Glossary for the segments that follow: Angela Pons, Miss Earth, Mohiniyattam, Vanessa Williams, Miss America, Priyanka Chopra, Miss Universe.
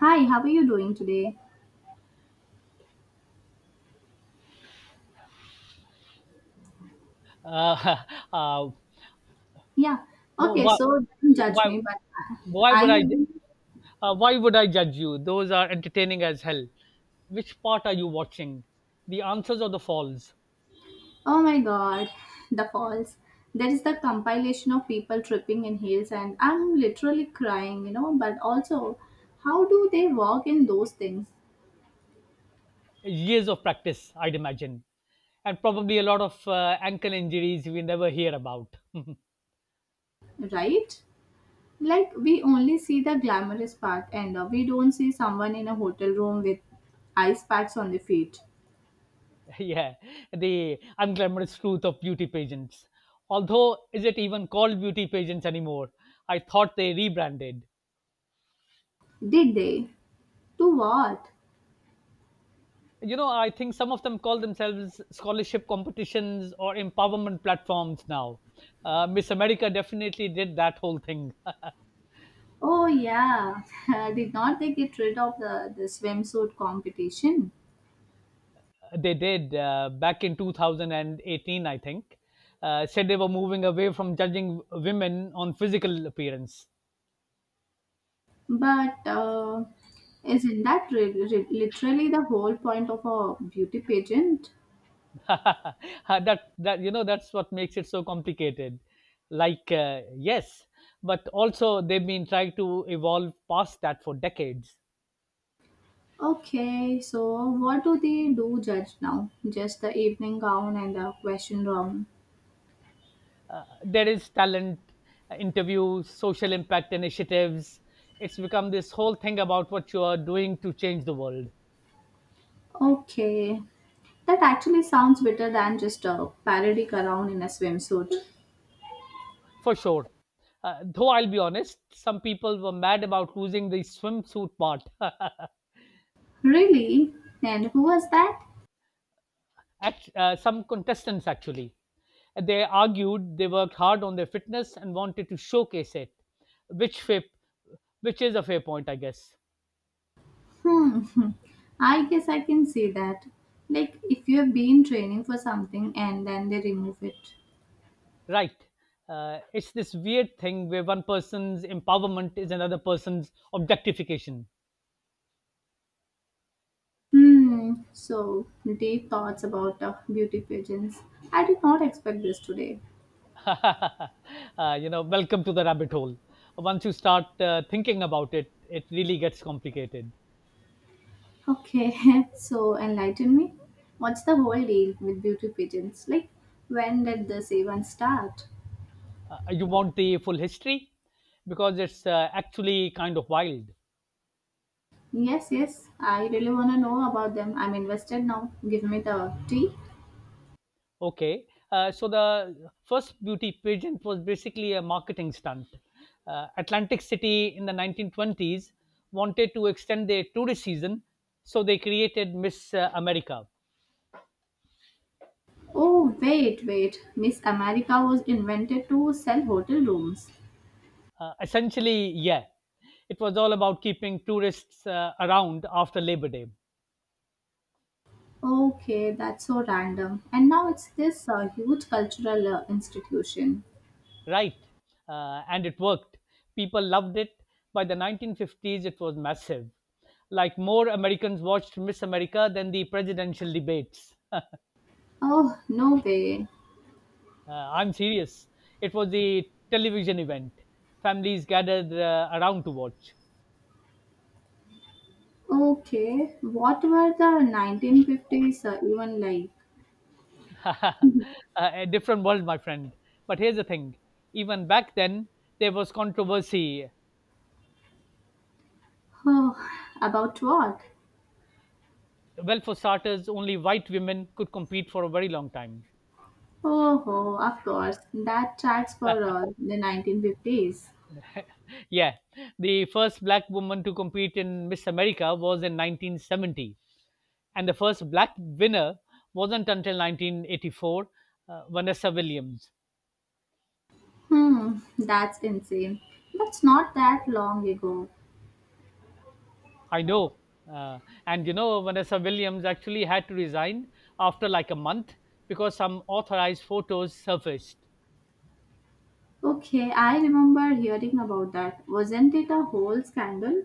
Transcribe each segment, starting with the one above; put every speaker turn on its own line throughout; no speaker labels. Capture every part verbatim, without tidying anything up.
Hi, how are you doing today?
Uh, uh,
Yeah. Okay,
why,
so don't judge
why,
me, but
why
I
would I?
am.
Uh, why would I judge you? Those are entertaining as hell. Which part are you watching? The answers or the falls?
Oh my god, the falls. There is the compilation of people tripping in heels, and I'm literally crying, you know. But also, how do they walk in those things,
Years of practice, I'd imagine, and probably a lot of uh, ankle injuries we never hear about.
right? Like, we only see the glamorous part, and uh, we don't see someone in a hotel room with ice packs on the feet.
Yeah, the unglamorous truth of beauty pageants. Although, is it even called beauty pageants anymore? I thought they rebranded.
Did they? To what?
You know, I think some of them call themselves scholarship competitions or empowerment platforms now. uh, Miss America definitely did that whole thing.
Oh yeah, did not they get rid of the, the swimsuit competition?
They did, uh, back in two thousand eighteen, I think. Uh, said they were moving away from judging women on physical appearance.
But uh, isn't that re- re- literally the whole point of a beauty pageant?
that that you know, that's what makes it so complicated. Like uh, yes, but also they've been trying to evolve past that for decades.
Okay, so what do they do judge now? Just the evening gown and the question round.
Uh, there is talent, uh, interviews, social impact initiatives. It's become this whole thing about what you are doing to change the world.
Okay, that actually sounds better than just a parody clown in a swimsuit.
For sure. Uh, though I'll be honest, some people were mad about losing the swimsuit part.
Really? And who was that?
Act- uh, Some contestants actually, they argued they worked hard on their fitness and wanted to showcase it. which fair, which is a fair point, I guess.
Hmm. I guess I can see that. Like if you have been training for something and then they remove it.
Right. Uh, it's this weird thing where one person's empowerment is another person's objectification.
Hmm. So deep thoughts about uh, beauty pageants. I did not expect this today.
uh, you know, welcome to the rabbit hole. Once you start uh, thinking about it, it really gets complicated.
Okay. so enlighten me. What's the whole deal with beauty pageants? Like when did this even start?
Uh, you want the full history, because it's uh, actually kind of wild.
Yes, yes. I really want to know about them. I'm invested now. Give me the tea.
Okay, uh, so the first beauty pageant was basically a marketing stunt. Uh, Atlantic City in the nineteen twenties wanted to extend their tourist season, so they created Miss uh, America.
Oh, wait, wait. Miss America was invented to sell hotel rooms.
Uh, essentially, yeah, it was all about keeping tourists uh, around after Labor Day,
Okay, that's so random. And now it's this uh, huge cultural uh, institution.
right? Uh, and it worked. People loved it. By the nineteen fifties, it was massive. Like, more Americans watched Miss America than the presidential debates.
Oh, no way.
Uh, I'm serious. It was a television event. Families gathered uh, around to watch.
Okay, what were the nineteen fifties uh, even like?
A different world, my friend. But here's the thing, even back then, there was controversy.
Oh, about what?
Well, for starters, only white women could compete for a very long time.
Oh, oh, of course. That tracks for uh, the nineteen fifties.
Yeah, the first black woman to compete in Miss America was in nineteen seventy, and the first black winner wasn't until nineteen eighty-four, uh, Vanessa Williams.
Hmm, that's insane. That's not that long ago.
I know. Uh, and you know, Vanessa Williams actually had to resign after like a month because some authorized photos surfaced.
Okay, I remember hearing about that. Wasn't it a whole scandal?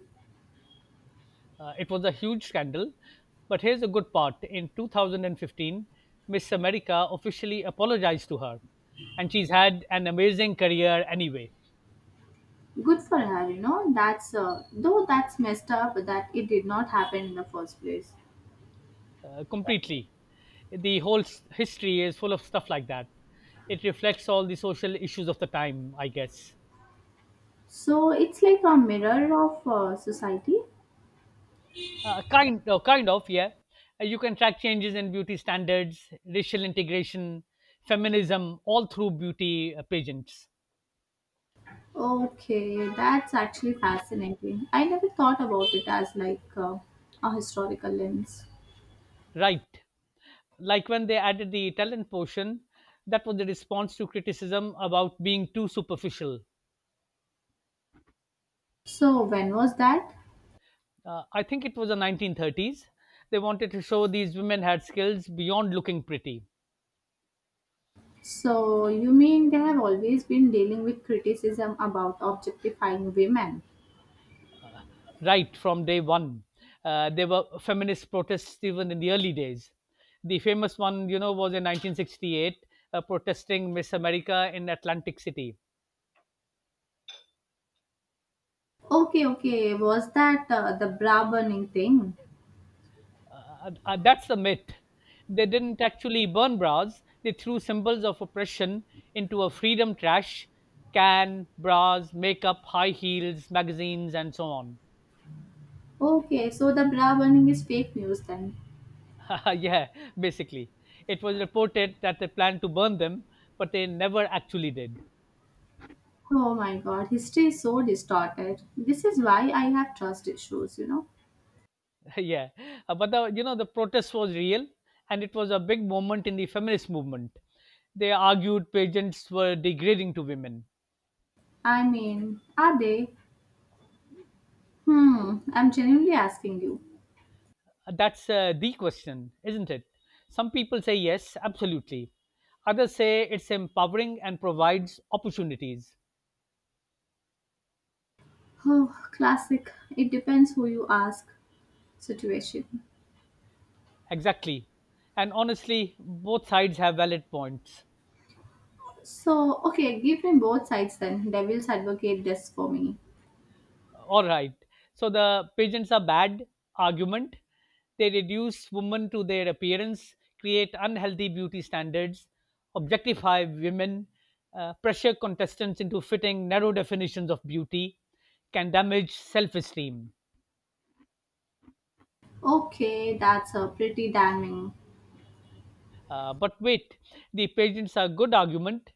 Uh, it was a huge scandal. But here's a good part: in two thousand fifteen, Miss America officially apologized to her. And she's had an amazing career anyway.
Good for her, you know. That's uh, though that's messed up that it did not happen in the first place.
Uh, completely. The whole s- history is full of stuff like that. It reflects all the social issues of the time, I guess.
So it's like a mirror of uh, society.
Uh, kind of, kind of, yeah. Uh, You can track changes in beauty standards, racial integration, feminism, all through beauty uh, pageants.
Okay, that's actually fascinating. I never thought about it as like uh, a historical lens.
Right. Like, when they added the talent portion, that was the response to criticism about being too superficial.
So when was that?
Uh, I think it was the nineteen thirties. They wanted to show these women had skills beyond looking pretty.
So you mean they have always been dealing with criticism about objectifying women?
Right from day one. Uh, there were feminist protests even in the early days. The famous one, you know, was in nineteen sixty-eight, uh, protesting Miss America in Atlantic City.
Okay, okay. Was that uh, the bra burning thing?
Uh, uh, uh, that's a myth. They didn't actually burn bras, they threw symbols of oppression into a freedom trash can: bras, makeup, high heels, magazines, and so on.
Okay, so the bra burning is fake news then.
Yeah, basically. It was reported that they planned to burn them, but they never actually did.
Oh my god, history is so distorted. This is why I have trust issues, you know?
Yeah, Uh, but the you know, the protest was real, and it was a big moment in the feminist movement. They argued pageants were degrading to women.
I mean, are they? Hmm, I'm genuinely asking you.
Uh, That's uh, the question, isn't it? Some people say yes, absolutely. Others say it's empowering and provides opportunities.
Oh, classic. It depends who you ask situation.
Exactly. And honestly, both sides have valid points.
So, okay, give me both sides then. Devils advocate this for me.
All right. So, the pageants are bad argument. They reduce women to their appearance, create unhealthy beauty standards, objectify women, uh, pressure contestants into fitting narrow definitions of beauty, can damage self esteem.
Okay, that's a pretty damning.
Uh, but wait, the pageants are good argument.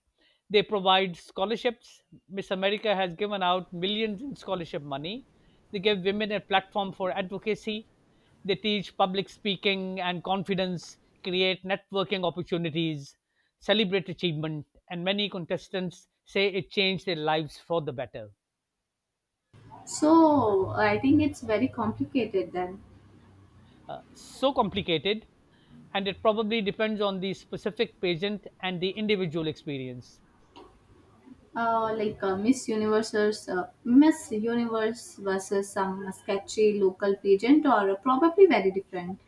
They provide scholarships. Miss America has given out millions in scholarship money. They give women a platform for advocacy. They teach public speaking and confidence, create networking opportunities, celebrate achievement, and many contestants say it changed their lives for the better.
So, I think it's very complicated then.
Uh, so complicated, and it probably depends on the specific pageant and the individual experience.
uh, like uh, Miss Universe's uh, Miss Universe versus some sketchy local pageant, or uh, probably very different,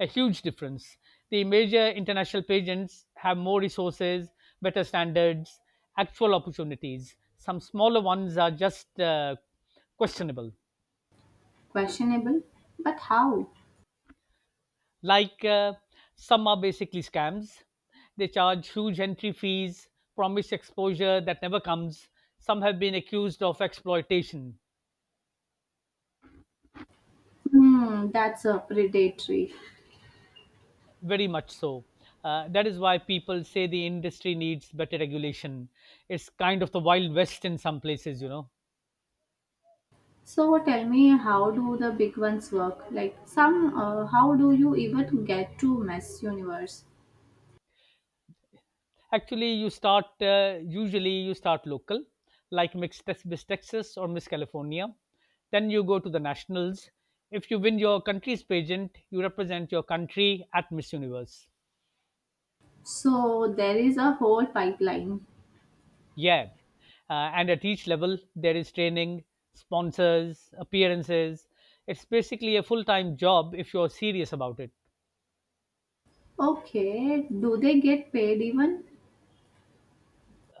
A huge difference. The major international pageants have more resources, better standards, actual opportunities. Some smaller ones are just uh, questionable.
questionable. But how?
Like uh, some are basically scams. They charge huge entry fees, promise exposure that never comes. Some have been accused of exploitation,
Hmm, that's uh, predatory.
very much so. Uh, that is why people say the industry needs better regulation. It's kind of the Wild West in some places, you know.
So tell me, how do the big ones work? Like some, uh, how do you even get to Miss Universe?
Actually, you start uh, usually you start local, like Mix Tex- Miss Texas or Miss California. Then you go to the nationals. If you win your country's pageant, you represent your country at Miss Universe.
So there is a whole pipeline.
Yeah, uh, and at each level there is training, sponsors, appearances. It's basically a full-time job if you're serious about it.
Okay, do they get paid even?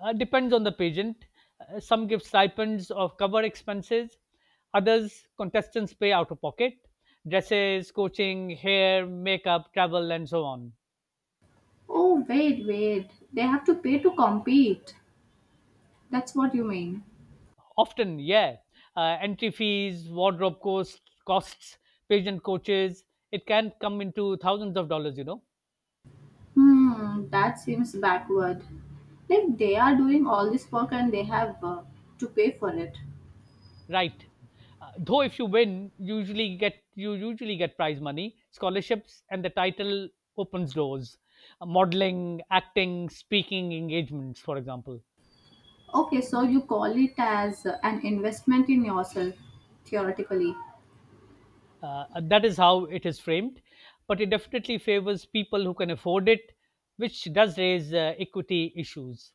uh, Depends on the pageant. Uh, some give stipends of cover expenses. Others, contestants pay out of pocket: dresses, coaching, hair, makeup, travel, and so on.
Oh wait, wait, they have to pay to compete. That's what you mean.
Often, yeah, uh, entry fees, wardrobe cost, costs, pageant coaches. It can come into thousands of dollars, you know.
Hmm, that seems backward. Like they are doing all this work and they have uh, to pay for it.
Right. Uh, though if you win, usually get you usually get prize money, scholarships, and the title opens doors. Uh, modeling, acting, speaking engagements, for example.
Okay, so you call it as uh, an investment in yourself, theoretically.
Uh, uh, that is how it is framed, but it definitely favors people who can afford it, which does raise uh, equity issues.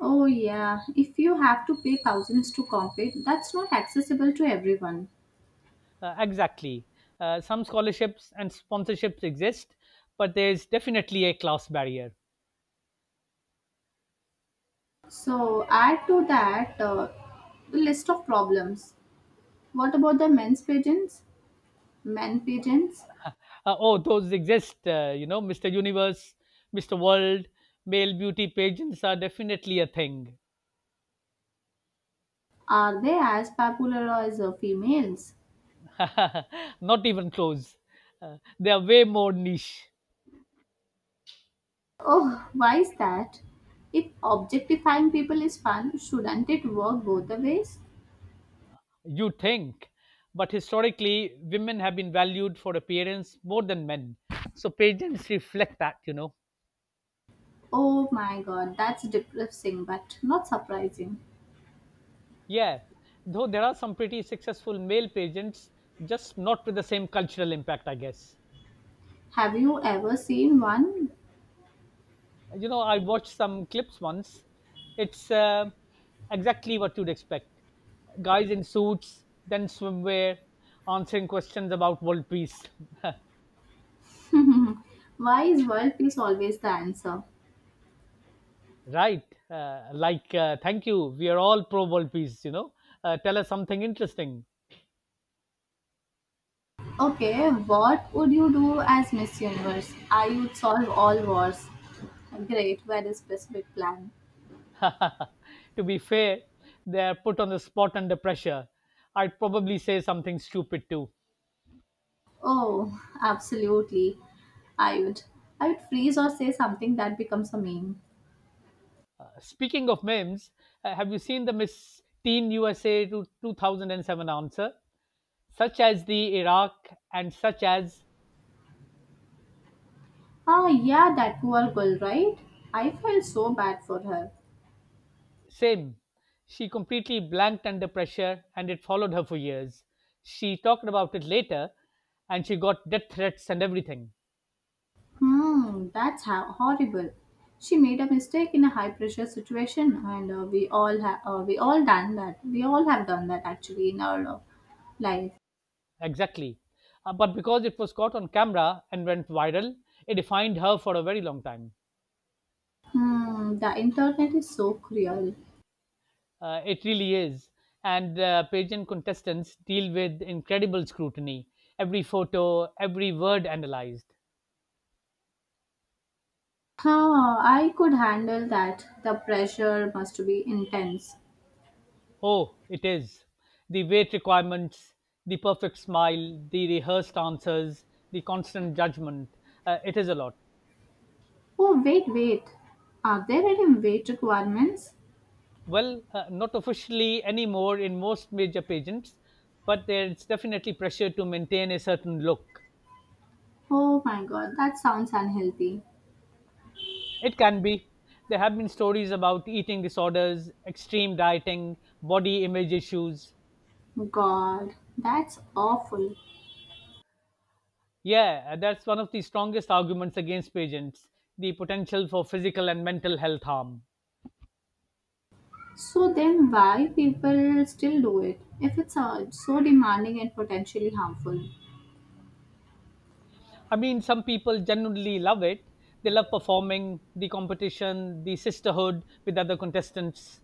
Oh, yeah, if you have to pay thousands to compete, that's not accessible to everyone.
Uh, exactly. Uh, some scholarships and sponsorships exist, but there's definitely a class barrier.
So, add to that uh, the list of problems. What about the men's pigeons? Men pigeons?
Uh, oh, those exist. Uh, you know, mister Universe, mister World, male beauty pageants are definitely a thing.
Are they as popular as uh, females?
Not even close. Uh, they are way more niche,
Oh, why is that? If objectifying people is fun, shouldn't it work both the ways?
you think. But historically, women have been valued for appearance more than men. So pageants reflect that, you know.
Oh my god, that's depressing but not surprising.
Yeah, though there are some pretty successful male pageants, just not with the same cultural impact, I guess.
Have you ever seen one?
You know, I watched some clips once. It's uh, exactly what you'd expect: guys in suits, then swimwear, answering questions about world peace.
why is world peace always the answer?
Right. Uh, like uh, thank you, we are all pro world peace, you know. Uh, tell us something interesting.
Okay, what would you do as Miss Universe? I would solve all wars. Great, very specific plan.
To be fair, they are put on the spot under pressure, I'd probably say something stupid too.
Oh, absolutely. I would. I would freeze or say something that becomes a meme.
Speaking of memes, uh, have you seen the Miss Teen USA to two thousand seven answer? Such as the Iraq, and such as.
Ah, yeah, that poor girl, right? I felt so bad for her.
Sim. She completely blanked under pressure and it followed her for years. She talked about it later, and she got death threats and everything.
Hmm, that's ho- horrible. She made a mistake in a high-pressure situation, and uh, we all have uh, we all done that. We all have done that actually in our uh, life.
Exactly. Uh, but because it was caught on camera and went viral, it defined her for a very long time.
Hmm, the internet is so cruel.
Uh, it really is. And uh, pageant contestants deal with incredible scrutiny, every photo, every word analyzed.
Huh, I could handle that. The pressure must be intense.
Oh, it is. The weight requirements, the perfect smile, the rehearsed answers, the constant judgment. Uh, it is a lot.
Oh, wait, wait. Are there any weight requirements?
Well, uh, not officially anymore in most major pageants, but there's definitely pressure to maintain a certain look.
Oh my god, that sounds unhealthy.
It can be. There have been stories about eating disorders, extreme dieting, body image issues.
God, that's awful.
Yeah, that's one of the strongest arguments against pageants: the potential for physical and mental health harm.
So then why people still do it if it's uh, so demanding and potentially harmful?
I mean, some people genuinely love it. They love performing, the competition, the sisterhood with other contestants.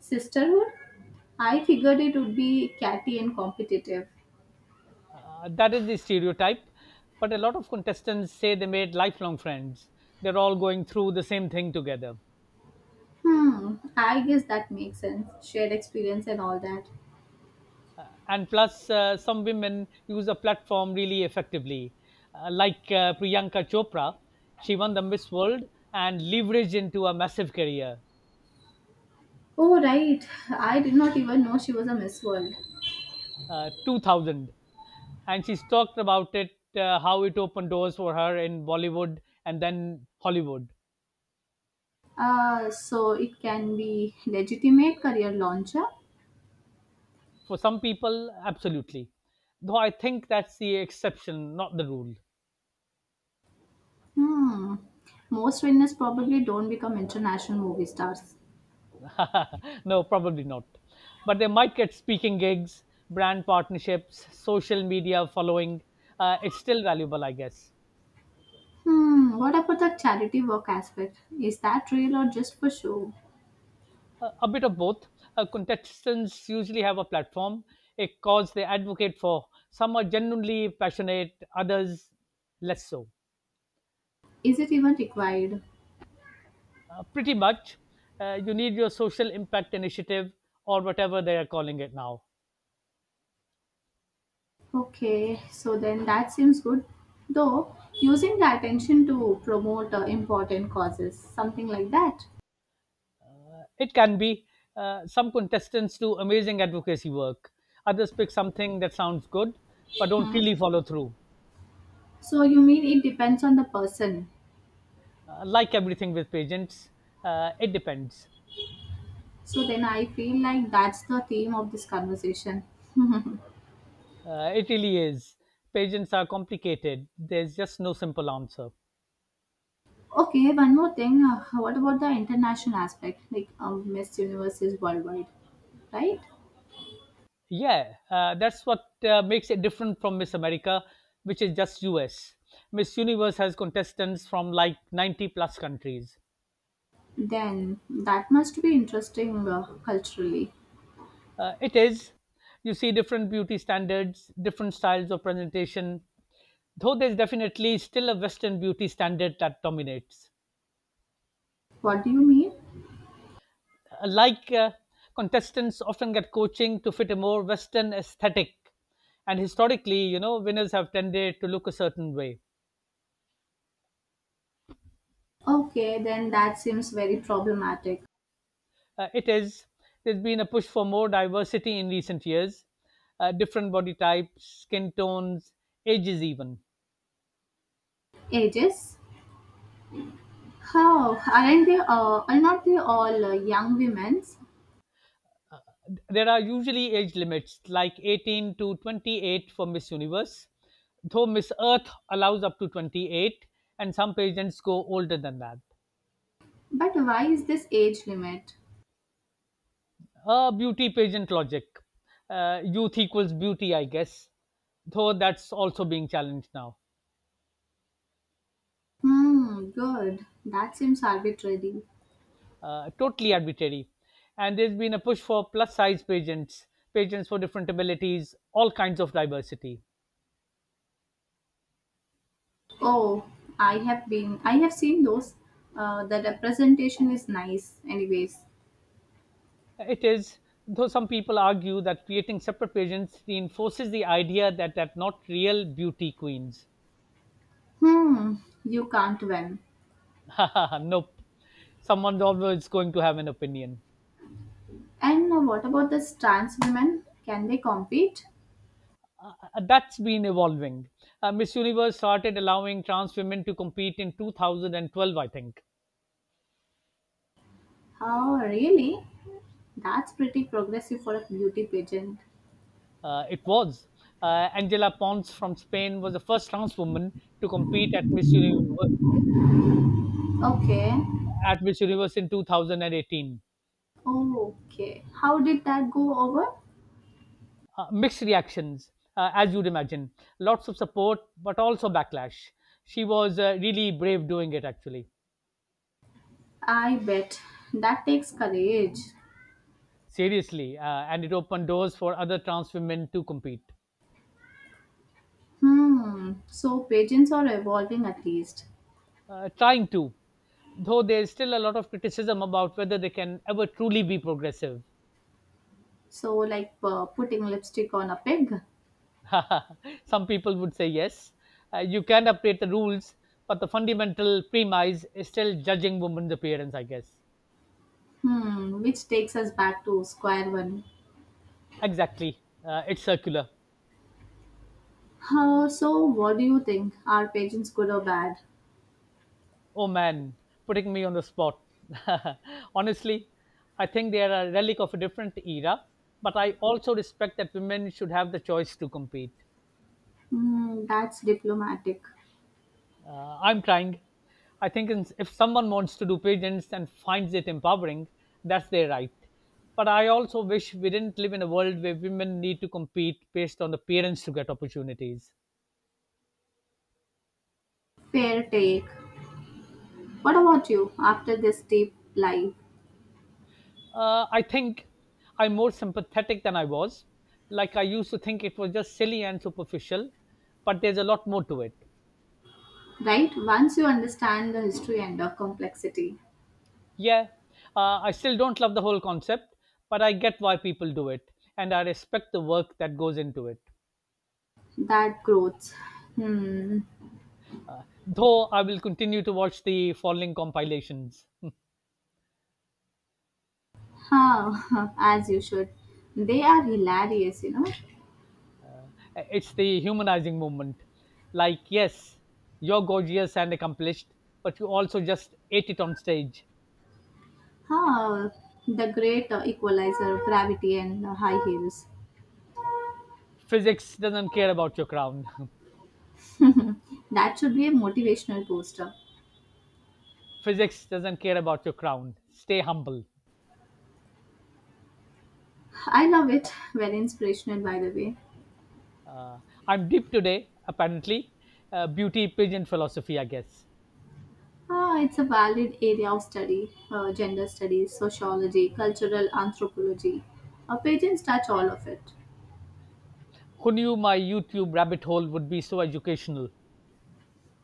Sisterhood? I figured it would be catty and competitive.
Uh, that is the stereotype. But a lot of contestants say they made lifelong friends. They're all going through the same thing together.
Hmm, I guess that makes sense. Shared experience and all that.
Uh, and plus, uh, some women use a platform really effectively. Uh, like uh, Priyanka Chopra, she won the Miss World and leveraged into a massive career.
Oh, right. I did not even know she was a Miss World.
uh, two thousand, and she's talked about it, uh, how it opened doors for her in Bollywood and then Hollywood.
Uh, so it can be legitimate career launcher.
For some people, absolutely, though I think that's the exception, not the rule.
Hmm. Most winners probably don't become international movie stars.
No, probably not, but they might get speaking gigs, brand partnerships, social media following. Uh, it's still valuable, I guess.
Hmm, what about the charity work aspect? Is that real or just for show?
Uh, a bit of both. Uh, contestants usually have a platform, a cause they advocate for. Some are genuinely passionate, others less so.
Is it even required?
Uh, pretty much, uh, you need your social impact initiative or whatever they are calling it now.
Okay, so then that seems good. Though, using the attention to promote uh, important causes, something like that.
It can be. Uh, some contestants do amazing advocacy work, others pick something that sounds good but don't really follow through.
So, you mean it depends on the person.
Uh, like everything with pageants, uh, it depends.
So, then I feel like that's the theme of this conversation.
Uh, it really is. Pageants are complicated. There's just no simple answer.
okay, one more thing. Uh, what about the international aspect? Like, um, Miss Universe is worldwide, right?
Yeah, uh, that's what uh, makes it different from Miss America, which is just U S. Miss Universe has contestants from like ninety plus countries.
Then that must be interesting uh, culturally.
Uh, it is. You see different beauty standards, different styles of presentation, though there's definitely still a Western beauty standard that dominates.
What do you mean?
Like uh, Contestants often get coaching to fit a more Western aesthetic, and historically, you know, winners have tended to look a certain way.
Okay, then that seems very problematic.
Uh, it is. There's been a push for more diversity in recent years, uh, different body types, skin tones, ages even.
Ages? How? Aren't they all, are not they all uh, young women?
There are usually age limits like eighteen to twenty-eight for Miss Universe, though Miss Earth allows up to twenty-eight, and some pageants go older than that.
But why is this age limit?
Uh, beauty pageant logic. Uh, youth equals beauty, I guess, though that's also being challenged now.
Hmm, good. That seems arbitrary.
Uh, totally arbitrary. And there's been a push for plus size pageants, pageants for different abilities, all kinds of diversity.
Oh, I have been, I have seen those. Uh, the representation is nice, anyways.
It is, though some people argue that creating separate pageants reinforces the idea that they're not real beauty queens.
Hmm, you can't win.
Nope. Someone's always going to have an opinion.
And uh, what about the trans women? Can they compete?
Uh, That's been evolving. Uh, Miss Universe started allowing trans women to compete in two thousand twelve, I think.
Oh, really? That's pretty progressive for a beauty pageant.
Uh, it was. Uh, Angela Pons from Spain was the first trans woman to compete at Miss, Univ-
Okay.
at Miss Universe in two thousand eighteen.
Okay. How did that go over?
Uh, mixed reactions, uh, as you'd imagine. Lots of support, but also backlash. She was uh, really brave doing it, actually.
I bet. That takes courage.
Seriously. Uh, and it opened doors for other trans women to compete.
Hmm. So pageants are evolving at least.
Uh, trying to, though there's still a lot of criticism about whether they can ever truly be progressive.
So like uh, putting lipstick on a pig.
Some people would say yes, uh, you can update the rules, but the fundamental premise is still judging women's appearance, I guess.
Hmm. Which takes us back to square one.
Exactly. Uh, it's circular.
Uh, so what do you think? Are pageants good or bad?
Oh man, putting me on the spot. Honestly, I think they are a relic of a different era, but I also respect that women should have the choice to compete.
Hmm. That's diplomatic.
Uh, I'm trying. I think if someone wants to do pigeons and finds it empowering, that's their right. But I also wish we didn't live in a world where women need to compete based on appearance to get opportunities.
Fair take. What about you after this deep live?
Uh, I think I'm more sympathetic than I was. Like I used to think it was just silly and superficial, but there's a lot more to it.
Right? Once you understand the history and the complexity.
Yeah, uh, I still don't love the whole concept, but I get why people do it, and I respect the work that goes into it.
That growth. Hmm.
Uh, though I will continue to watch the following compilations.
Huh. As you should. They are hilarious, you know.
Uh, it's the humanizing movement. Like, yes, you're gorgeous and accomplished, but you also just ate it on stage.
Huh. The great uh, equalizer, gravity, and uh, high heels.
Physics doesn't care about your crown.
That should be a motivational poster.
Physics doesn't care about your crown. Stay humble.
I love it. Very inspirational, by the way.
Uh, I'm deep today, apparently. Uh, beauty pigeon philosophy, I guess.
Ah, it's a valid area of study uh, gender studies, sociology, cultural anthropology. Our patents touch all of it.
Who knew my YouTube rabbit hole would be so educational?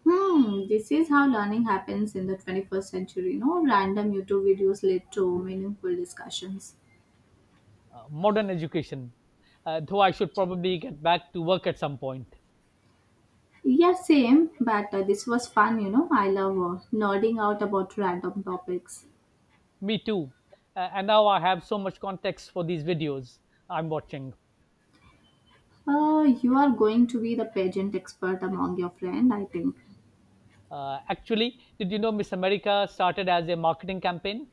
Hmm, this is how learning happens in the twenty-first century. No random YouTube videos led to meaningful discussions.
uh, Modern education, uh, though I should probably get back to work at some point.
Yeah, same, but uh, this was fun, you know. I love uh, nerding out about random topics.
Me too. Uh, and now I have so much context for these videos I'm watching.
Uh, you are going to be the pageant expert among your friend, I think.
Uh, actually, did you know Miss America started as a marketing campaign?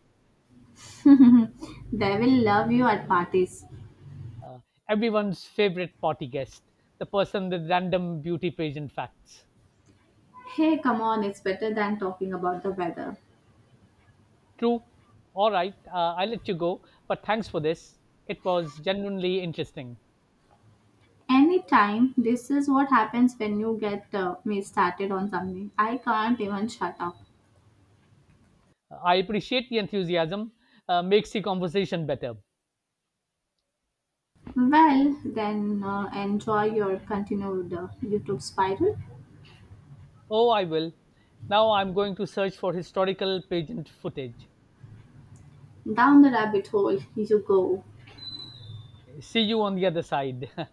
they will love you at parties.
Uh, Everyone's favorite party guest, the person with random beauty pageant facts.
Hey, come on, it's better than talking about the weather.
True. All right, uh, I let you go, but thanks for this. It was genuinely interesting.
Anytime, this is what happens when you get uh, me started on something. I can't even shut up.
Uh, I appreciate the enthusiasm, uh, makes the conversation better.
Well, then uh, enjoy your continued uh, YouTube spiral.
Oh, I will. Now I'm going to search for historical pageant footage.
Down the rabbit hole you go.
Okay, see you on the other side.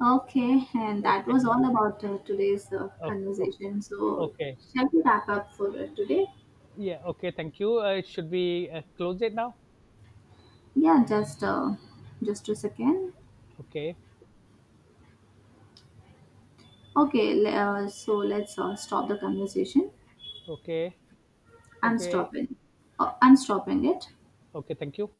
Okay, and that
Okay.
was all about uh, today's uh,
Okay. o-
conversation. So,
Okay.
shall we wrap up for uh, today?
Yeah. Okay. Thank you. Uh, should we uh, close it now?
Yeah, just uh, just a second.
Okay.
Okay, le- uh, so let's uh, stop the conversation.
Okay.
I'm
Okay.
stopping. Uh, I'm stopping it.
Okay. Thank you.